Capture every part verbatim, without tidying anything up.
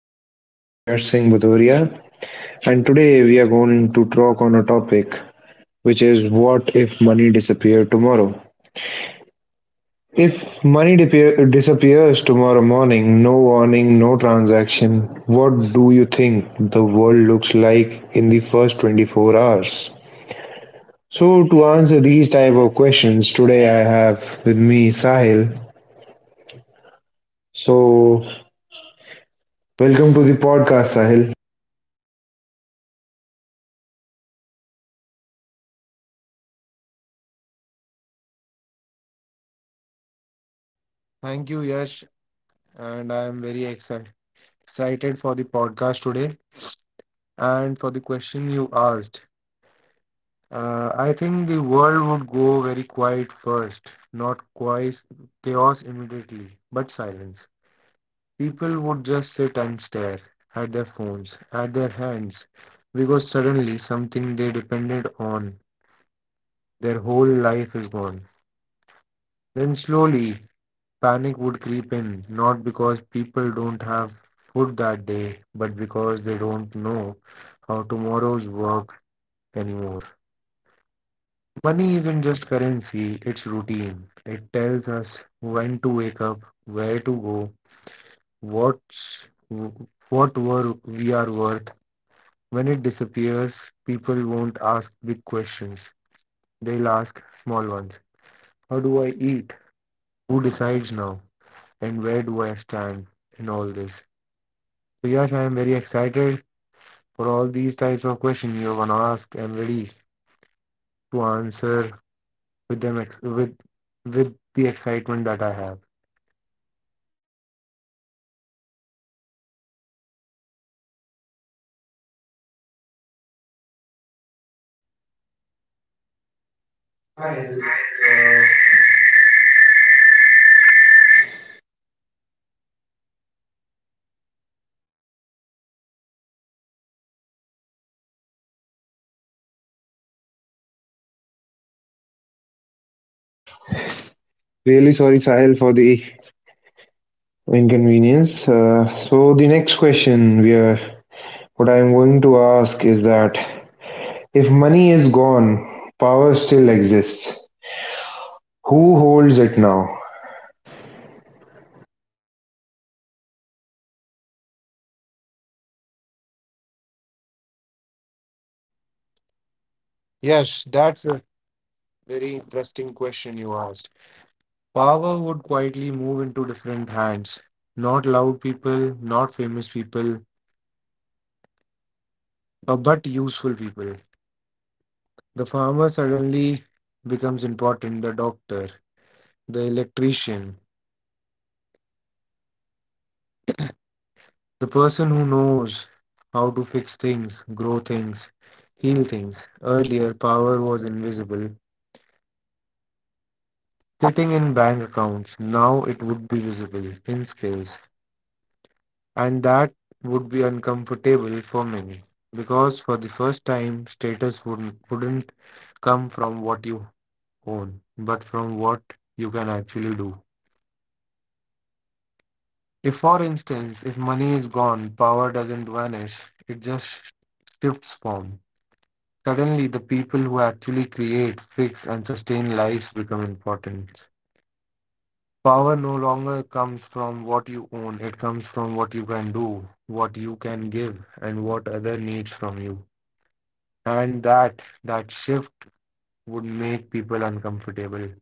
am your host Yash Singh Bhadoria, and today we are going to talk on a topic which is, what if money disappeared tomorrow? If money disappear- disappears tomorrow morning, no warning, no transaction, what do you think the world looks like in the first twenty-four hours? So to answer these type of questions, today I have with me Sahil. So welcome to the podcast, Sahil. Thank you, Yash. And I am very exci- excited for the podcast today and for the question you asked. Uh, I think the world would go very quiet first, not quite chaos immediately, but silence. People would just sit and stare at their phones, at their hands, because suddenly something they depended on, their whole life is gone. Then slowly, panic would creep in, not because people don't have food that day, but because they don't know how tomorrow's work anymore. Money isn't just currency, it's routine. It tells us when to wake up, where to go, what's, what were we are worth. When it disappears, people won't ask big questions. They'll ask small ones. How do I eat? Who decides now? And where do I stand in all this? So Yash, I am very excited for all these types of questions you're gonna ask. I'm ready to answer with them ex- with with the excitement that I have. Really sorry, Sahil, for the inconvenience. Uh, so the next question we are, what I am going to ask is that if money is gone, power still exists. Who holds it now? Yes, that's a very interesting question you asked. Power would quietly move into different hands. Not loud people, not famous people, uh, but useful people. The farmer suddenly becomes important, the doctor, the electrician, the person who knows how to fix things, grow things, heal things. Earlier, power was invisible, sitting in bank accounts. Now it would be visible in skills. And that would be uncomfortable for many. Because for the first time, status wouldn't, wouldn't come from what you own, but from what you can actually do. If, for instance, if money is gone, power doesn't vanish, it just shifts form. Suddenly, the people who actually create, fix, and sustain lives become important. Power no longer comes from what you own, it comes from what you can do, what you can give, and what other needs from you. And that that shift would make people uncomfortable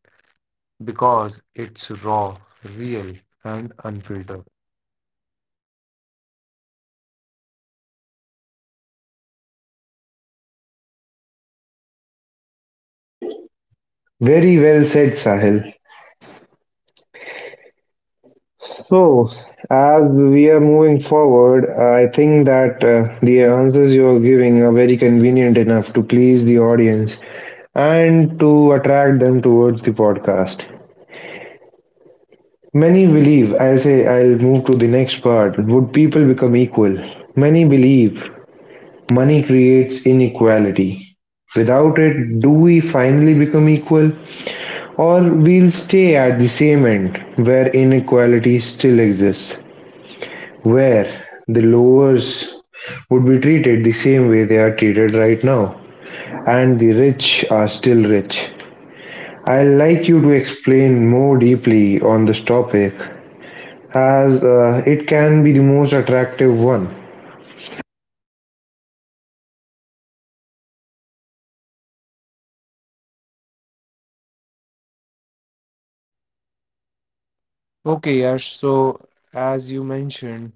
because it's raw, real, and unfiltered. Very well said, Sahil. So as we are moving forward, I think that uh, the answers you are giving are very convenient enough to please the audience and to attract them towards the podcast. Many believe, I'll say, I'll move to the next part. Would people become equal? Many believe money creates inequality. Without it, do we finally become equal? Or we'll stay at the same end where inequality still exists, where the lowers would be treated the same way they are treated right now, and the rich are still rich. I'd like you to explain more deeply on this topic as uh, it can be the most attractive one. Okay, Yash, so as you mentioned,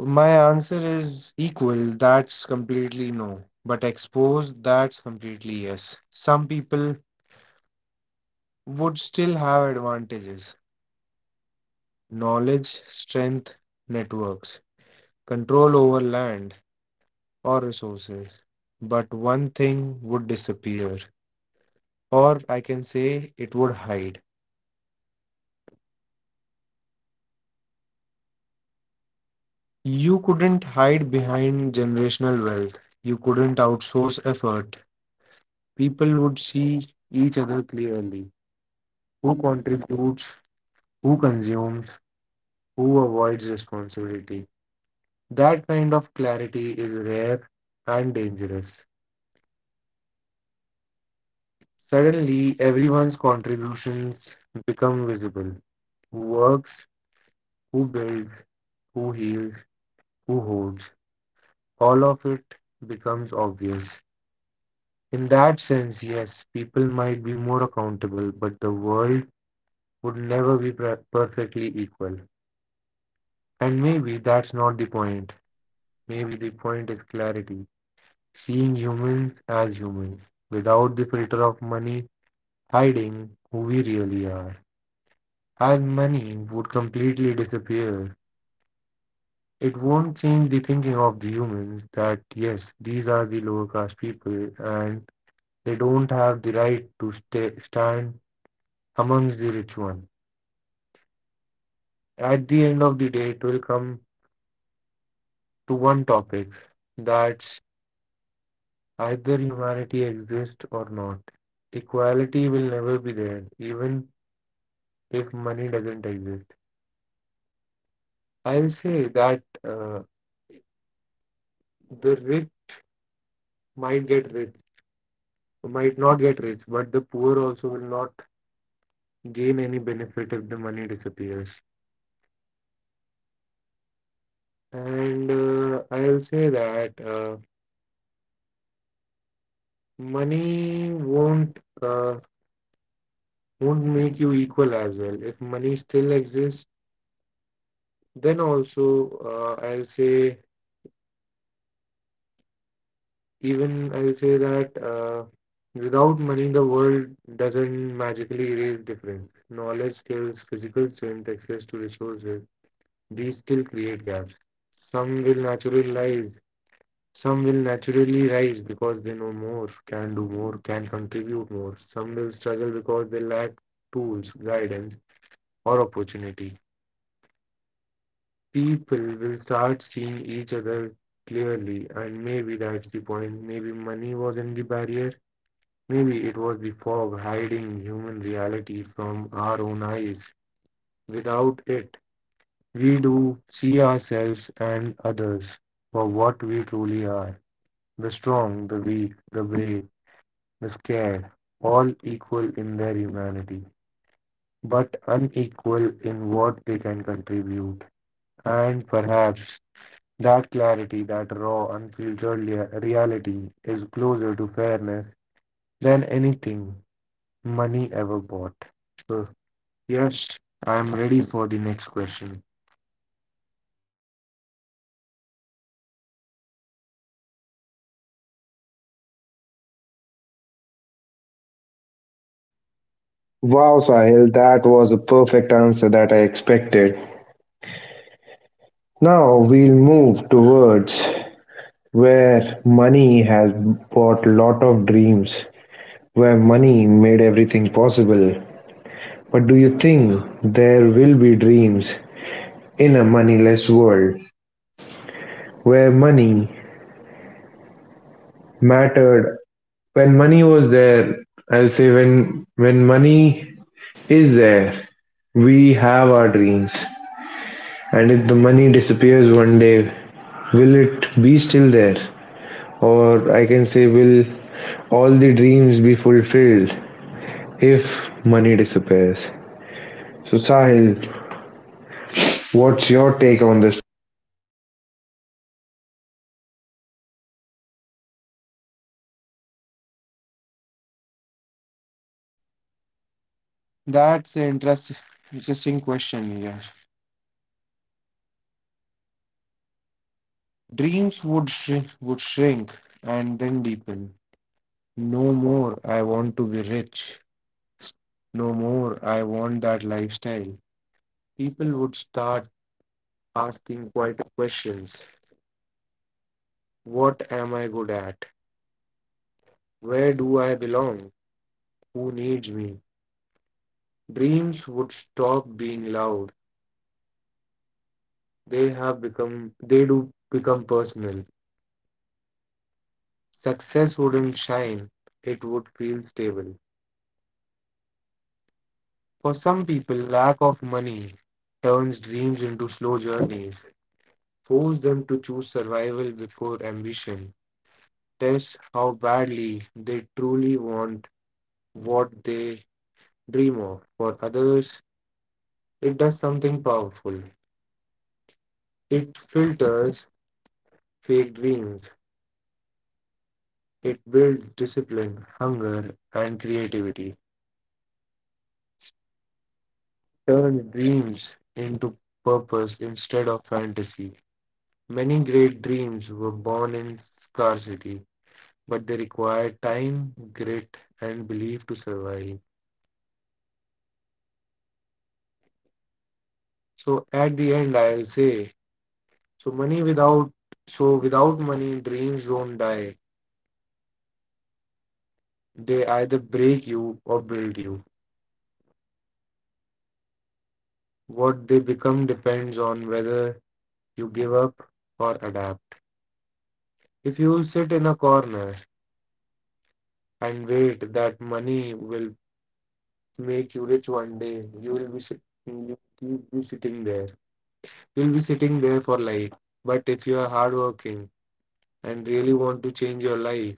my answer is equal, that's completely no. But exposed, that's completely yes. Some people would still have advantages, knowledge, strength, networks, control over land or resources. But one thing would disappear, or I can say it would hide. You couldn't hide behind generational wealth, you couldn't outsource effort. People would see each other clearly, who contributes, who consumes, who avoids responsibility. That kind of clarity is rare and dangerous. Suddenly, everyone's contributions become visible. Who works, who builds, who heals, who holds. All of it becomes obvious. In that sense, yes, people might be more accountable, but the world would never be per- perfectly equal. And maybe that's not the point. Maybe the point is clarity, seeing humans as humans, without the filter of money hiding who we really are. As money would completely disappear, it won't change the thinking of the humans that yes, these are the lower caste people and they don't have the right to stay, stand amongst the rich one. At the end of the day, it will come to one topic, that's either humanity exists or not. Equality will never be there, even if money doesn't exist. I'll say that uh, the rich might get rich, might not get rich, but the poor also will not gain any benefit if the money disappears. And uh, I'll say that uh, money won't uh, won't make you equal as well. If money still exists, then also uh, I'll say. Even I'll say that uh, without money, the world doesn't magically erase difference. Knowledge, skills, physical strength, access to resources, these still create gaps. Some will naturally rise, some will naturally rise because they know more, can do more, can contribute more. Some will struggle because they lack tools, guidance, or opportunity. People will start seeing each other clearly, and maybe that's the point. Maybe money wasn't the barrier. Maybe it was the fog hiding human reality from our own eyes. Without it, we do see ourselves and others for what we truly are, the strong, the weak, the brave, the scared, all equal in their humanity, but unequal in what they can contribute. And perhaps that clarity, that raw, unfiltered lea- reality is closer to fairness than anything money ever bought. So. Yes, I am ready for the next question. Wow, Sahil, that was a perfect answer that I expected. Now we'll move towards where money has bought a lot of dreams, where money made everything possible. But do you think there will be dreams in a moneyless world where money mattered? When money was there, I'll say when when money is there, we have our dreams. And if the money disappears one day, will it be still there? Or I can say, will all the dreams be fulfilled if money disappears? So, Sahil, what's your take on this? That's an interest, interesting question, yeah. Dreams would shrink, would shrink and then deepen. No more, I want to be rich. No more, I want that lifestyle. People would start asking quite questions. What am I good at? Where do I belong? Who needs me? Dreams would stop being loud. They have become, they do become personal. Success wouldn't shine. It would feel stable. For some people, lack of money turns dreams into slow journeys, force them to choose survival before ambition, tests how badly they truly want what they dream of. For others, it does something powerful. It filters fake dreams. It builds discipline, hunger, and creativity. Turn dreams into purpose instead of fantasy. Many great dreams were born in scarcity, but they require time, grit, and belief to survive. So at the end, I'll say, so money without, so without money, dreams don't die. They either break you or build you. What they become depends on whether you give up or adapt. If you sit in a corner and wait that money will make you rich one day, you will be sit- you will be sitting there. You'll be sitting there for life. But if you are hardworking, and really want to change your life,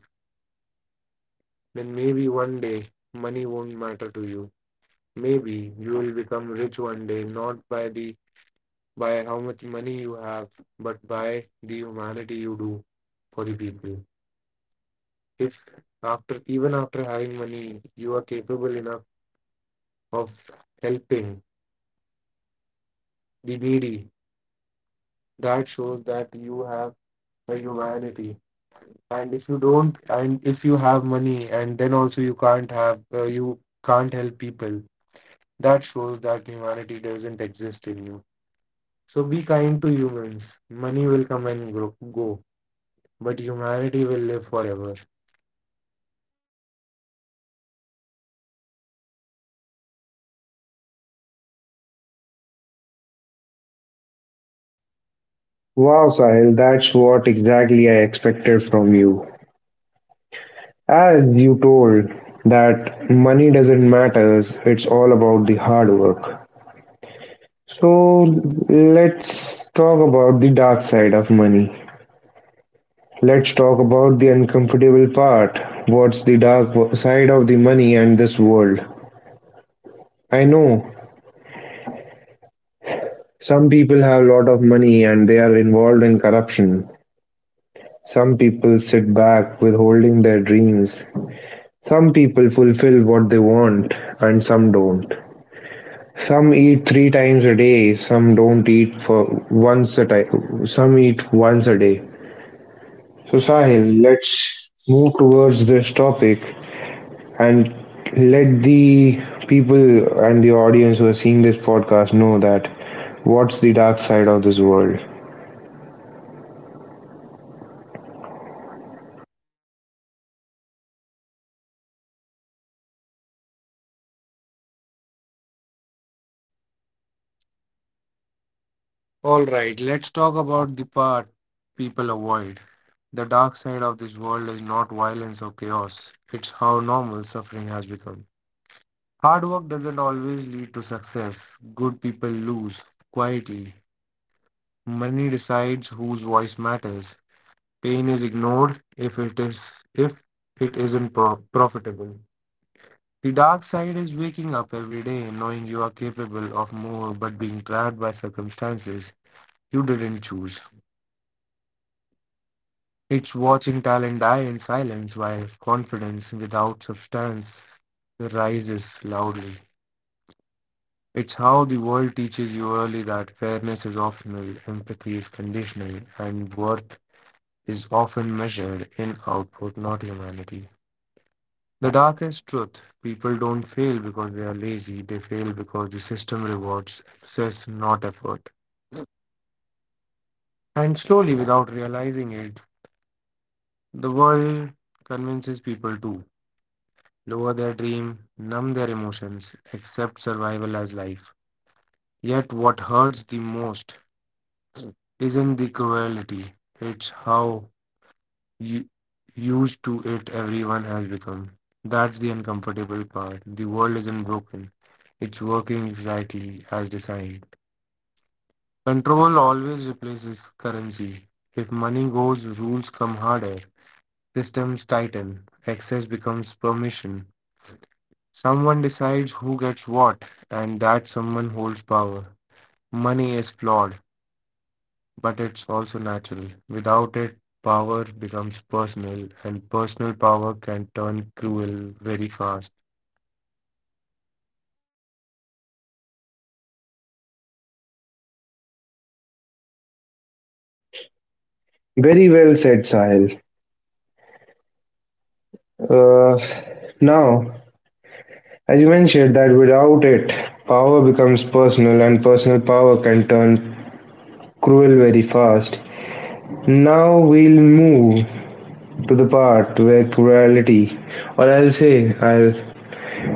then maybe one day money won't matter to you. Maybe you will become rich one day, not by the by how much money you have, but by the humanity you do for the people. If after Even after having money, you are capable enough of helping the needy, that shows that you have a humanity. And if you don't, and if you have money, and then also you can't have, uh, you can't help people. That shows that humanity doesn't exist in you. So be kind to humans. Money will come and gro- go, but humanity will live forever. Wow, Sahil, that's what exactly I expected from you. As you told that money doesn't matter, it's all about the hard work. So, let's talk about the dark side of money. Let's talk about the uncomfortable part. What's the dark wo- side of the money and this world? I know some people have a lot of money and they are involved in corruption. Some people sit back withholding their dreams. Some people fulfill what they want and some don't. Some eat three times a day, some don't eat for once a time, some eat once a day. So Sahil, let's move towards this topic and let the people and the audience who are seeing this podcast know that what's the dark side of this world. All right, let's talk about the part people avoid. The dark side of this world is not violence or chaos, it's how normal suffering has become. Hard work doesn't always lead to success. Good people lose quietly. Money decides whose voice matters. Pain is ignored if it is if it isn't pro- profitable. The dark side is waking up every day knowing you are capable of more but being trapped by circumstances you didn't choose. It's watching talent die in silence while confidence without substance rises loudly. It's how the world teaches you early that fairness is optional, empathy is conditional, and worth is often measured in output, not humanity. The darkest truth, people don't fail because they are lazy, they fail because the system rewards excess, not effort. And slowly, without realizing it, the world convinces people to lower their dream, numb their emotions, accept survival as life. Yet, what hurts the most isn't the cruelty, it's how you, used to it everyone has become. That's the uncomfortable part. The world isn't broken, it's working exactly as designed. Control always replaces currency. If money goes, rules come harder, systems tighten, access becomes permission. Someone decides who gets what, and that someone holds power. Money is flawed, but it's also natural. Without it, power becomes personal, and personal power can turn cruel very fast. Very well said, Sahil. Uh, now, as you mentioned, that without it, power becomes personal, and personal power can turn cruel very fast. Now we'll move to the part where cruelty, or I'll say, I'll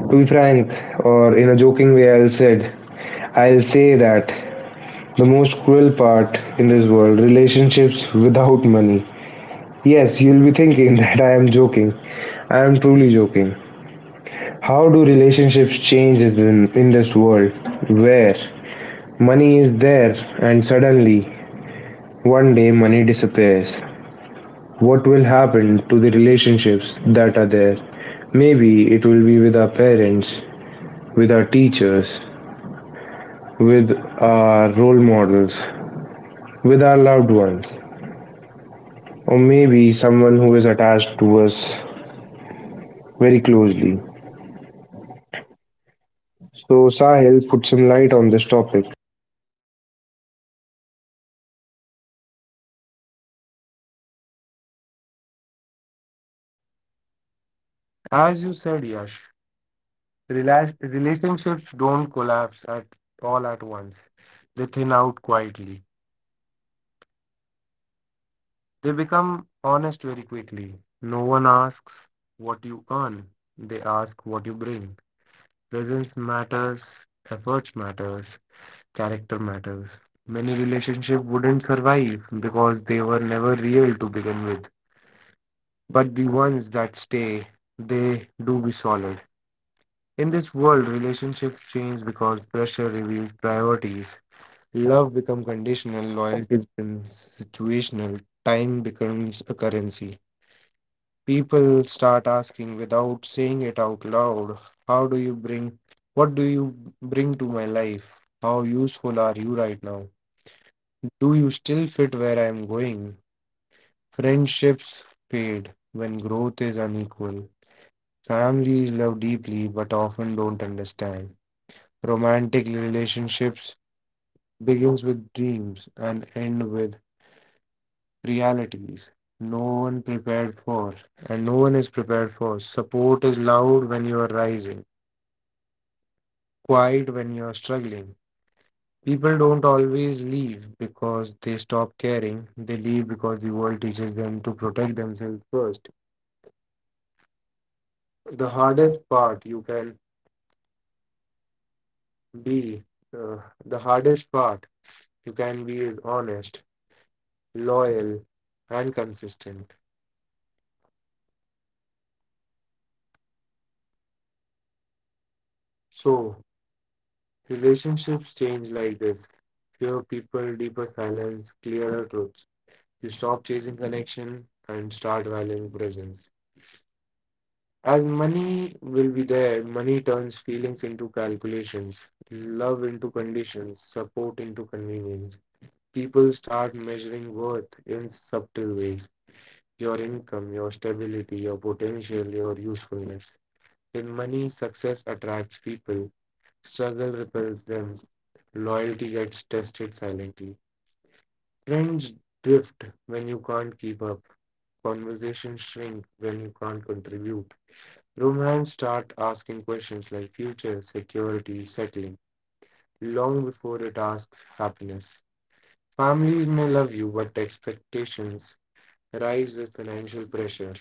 to be frank, or in a joking way, I'll said, I'll say that the most cruel part in this world, relationships without money. Yes, you'll be thinking that I am joking. I am truly joking. How do relationships change in, in this world where money is there and suddenly one day money disappears? What will happen to the relationships that are there? Maybe it will be with our parents, with our teachers, with our role models, with our loved ones. Or maybe someone who is attached to us very closely. So, Sahil, put some light on this topic. As you said, Yash, rela- relationships don't collapse at all at once, they thin out quietly. They become honest very quickly. No one asks what you earn. They ask what you bring. Presence matters, efforts matters, character matters. Many relationships wouldn't survive because they were never real to begin with. But the ones that stay, they do be solid. In this world, relationships change because pressure reveals priorities. Love becomes conditional, loyalty becomes situational, time becomes a currency. People start asking without saying it out loud, how do you bring, what do you bring to my life, how useful are you right now, do you still fit where I'm going? Friendships fade when growth is unequal. Families love deeply but often don't understand. Romantic relationships begins with dreams and end with realities no one prepared for, and no one is prepared for. Support is loud when you are rising, quiet when you're struggling. People don't always leave because they stop caring. They leave because the world teaches them to protect themselves first. The hardest part you can be, uh, the hardest part you can be is honest, loyal, and consistent. So, relationships change like this: fewer people, deeper silence, clearer truths. You stop chasing connection and start valuing presence. As money will be there, money turns feelings into calculations, love into conditions, support into convenience. People start measuring worth in subtle ways: your income, your stability, your potential, your usefulness. In money, success attracts people, struggle repels them, loyalty gets tested silently. Friends drift when you can't keep up, conversations shrink when you can't contribute. Romance start asking questions like future, security, settling, long before it asks happiness. Families may love you, but expectations rise with financial pressure.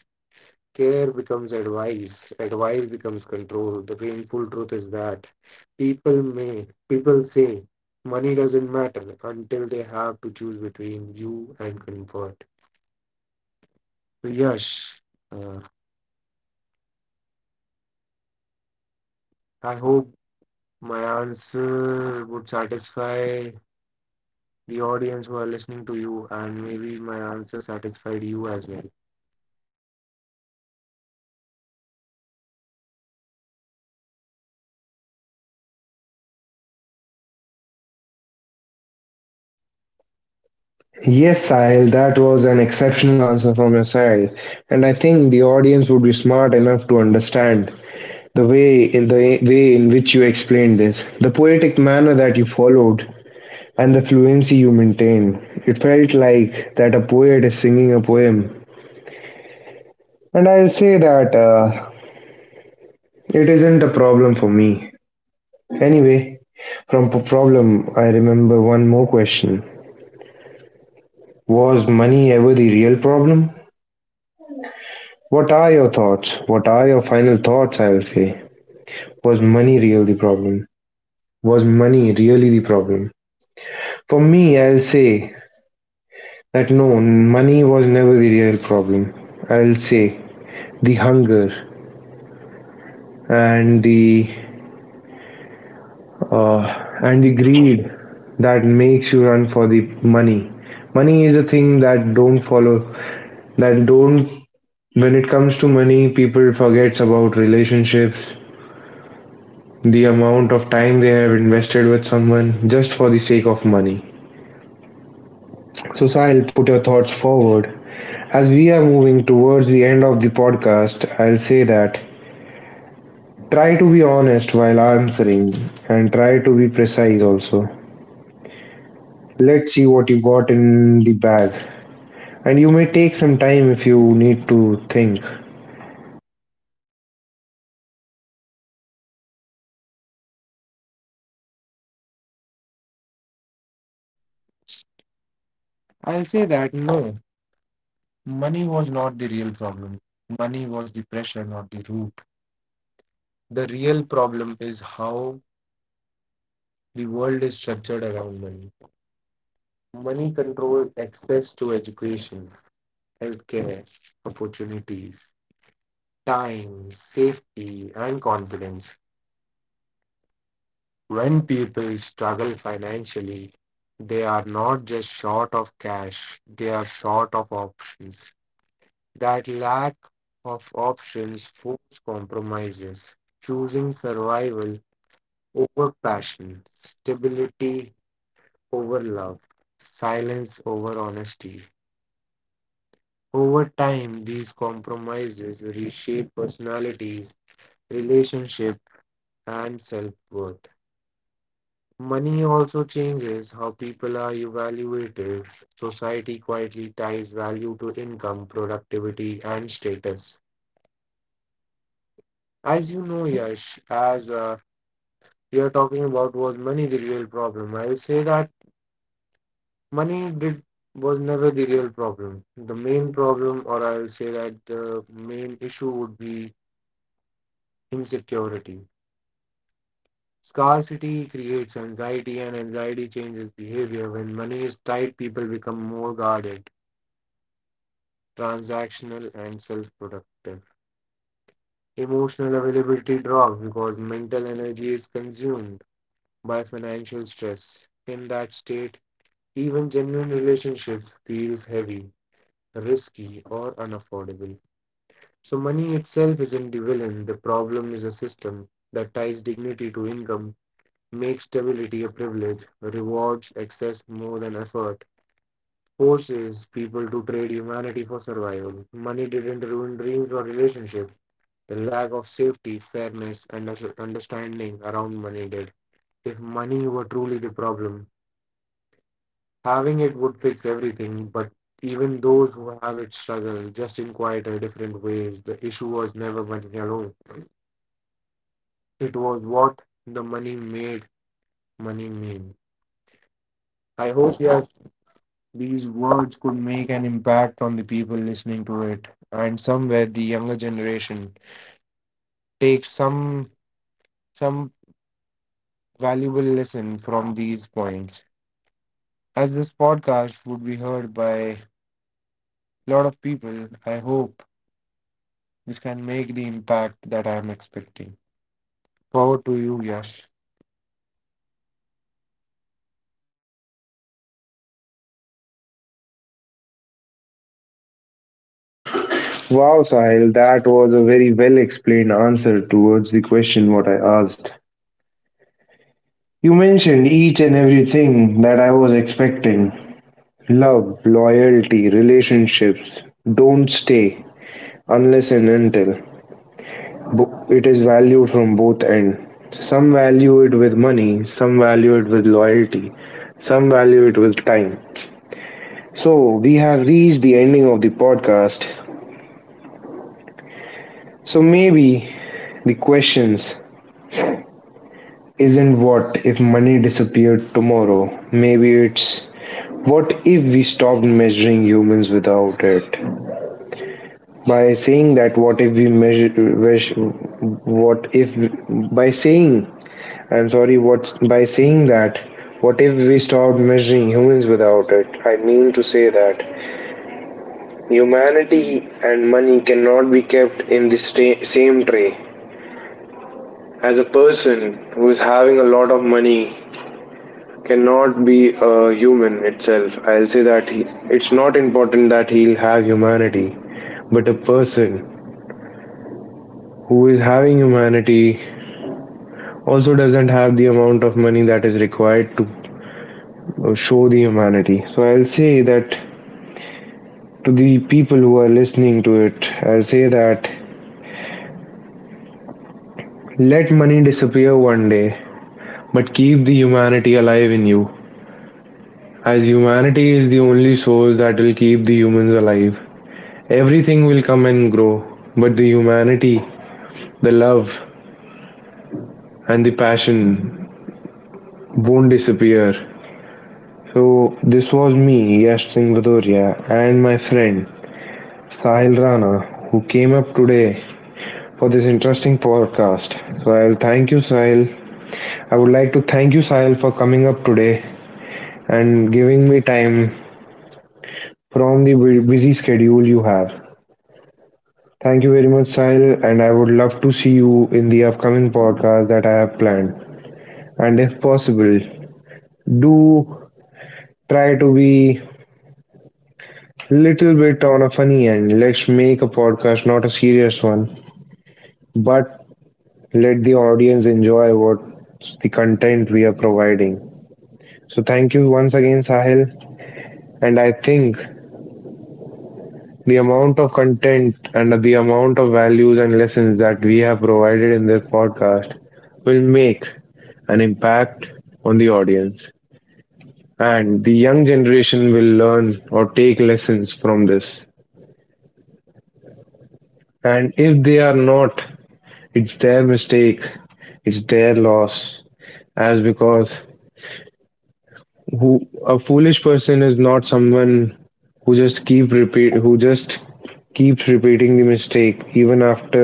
Care becomes advice, advice becomes control. The painful truth is that people may, people say money doesn't matter until they have to choose between you and comfort. So, Yash, uh, I hope my answer would satisfy the audience who are listening to you, and maybe my answer satisfied you as well. Yes, Sahil, that was an exceptional answer from your side. And I think the audience would be smart enough to understand the way in the way in which you explained this, the poetic manner that you followed, and the fluency you maintained. It felt like that a poet is singing a poem. And I'll say that uh, it isn't a problem for me. Anyway, from p- problem I remember one more question. Was money ever the real problem? What are your thoughts? What are your final thoughts, I'll say. Was money real the problem? Was money really the problem? For me, I'll say that no, money was never the real problem. I'll say the hunger and the uh, and the greed that makes you run for the money. Money is a thing that don't follow, that don't when it comes to money, people forgets about relationships, the amount of time they have invested with someone just for the sake of money. So Sahil, put your thoughts forward. As we are moving towards the end of the podcast, I'll say that try to be honest while answering and try to be precise also. Let's see what you got in the bag. And you may take some time if you need to think. I'll say that no, money was not the real problem. Money was the pressure, not the root. The real problem is how the world is structured around money. Money controls access to education, healthcare, opportunities, time, safety, and confidence. When people struggle financially, they are not just short of cash, they are short of options. That lack of options forced compromises, choosing survival over passion, stability over love, silence over honesty. Over time, these compromises reshape personalities, relationship, and self worth. Money also changes how people are evaluated. Society quietly ties value to income, productivity, and status. As you know, Yash, as a We are talking about, was money the real problem. I'll say that money did was never the real problem. The main problem, or I'll say that the main issue would be insecurity. Scarcity creates anxiety, and anxiety changes behavior. When money is tight, people become more guarded, transactional, and self productive. Emotional availability drops because mental energy is consumed by financial stress. In that state, even genuine relationships feels heavy, risky, or unaffordable. So money itself isn't the villain. The problem is a system that ties dignity to income, makes stability a privilege, rewards excess more than effort, forces people to trade humanity for survival. Money didn't ruin dreams or relationships. The lack of safety, fairness, and under- understanding around money did. If money were truly the problem, having it would fix everything, but even those who have it struggle, just in quite a different ways. The issue was never money alone. It was what the money made money mean. I hope, yes, these words could make an impact on the people listening to it, and somewhere the younger generation takes some some valuable lesson from these points. As this podcast would be heard by a lot of people, I hope this can make the impact that I am expecting. Power to you, Yash. Wow, Sahil, that was a very well explained answer towards the question what I asked. You mentioned each and everything that I was expecting. Love, loyalty, relationships don't stay unless and until bo- it is valued from both ends. Some value it with money, some value it with loyalty, some value it with time. So we have reached the ending of the podcast. So maybe the questions isn't what if money disappeared tomorrow. Maybe it's, what if we stopped measuring humans without it? By saying that, what if we measure, wish- what if, by saying, I'm sorry, what, by saying that, what if we stopped measuring humans without it? I mean to say that humanity and money cannot be kept in the sta- same tray. As a person who is having a lot of money cannot be a human itself. I'll say that he, it's not important that he'll have humanity, but a person who is having humanity also doesn't have the amount of money that is required to uh, show the humanity. So I'll say that to the people who are listening to it, I'll say that let money disappear one day, but keep the humanity alive in you. As humanity is the only source that will keep the humans alive. Everything will come and grow, but the humanity, the love, and the passion won't disappear. So, this was me, Yash Singh Vadoria, and my friend Sahil Rana, who came up today for this interesting podcast. So, I'll thank you, Sahil. I would like to thank you, Sahil, for coming up today and giving me time from the busy schedule you have. Thank you very much, Sahil, and I would love to see you in the upcoming podcast that I have planned. And if possible, do try to be little bit on a funny end. Let's make a podcast, not a serious one, but let the audience enjoy what the content we are providing. So thank you once again, Sahil. And I think the amount of content and the amount of values and lessons that we have provided in this podcast will make an impact on the audience. And the young generation will learn or take lessons from this. And if they are not, it's their mistake, it's their loss. As because who a foolish person is not someone who just keep repeat who just keeps repeating the mistake even after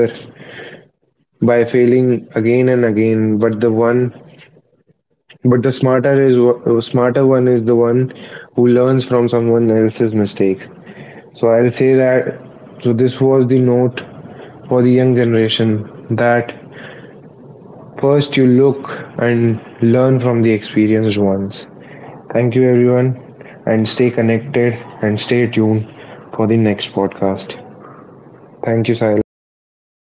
by failing again and again. But the one but the smarter is wo- smarter one is the one who learns from someone else's mistake. So I'll say that so this was the note for the young generation that first you look and learn from the experienced ones. Thank you everyone and stay connected and stay tuned for the next podcast. Thank you, Sahil.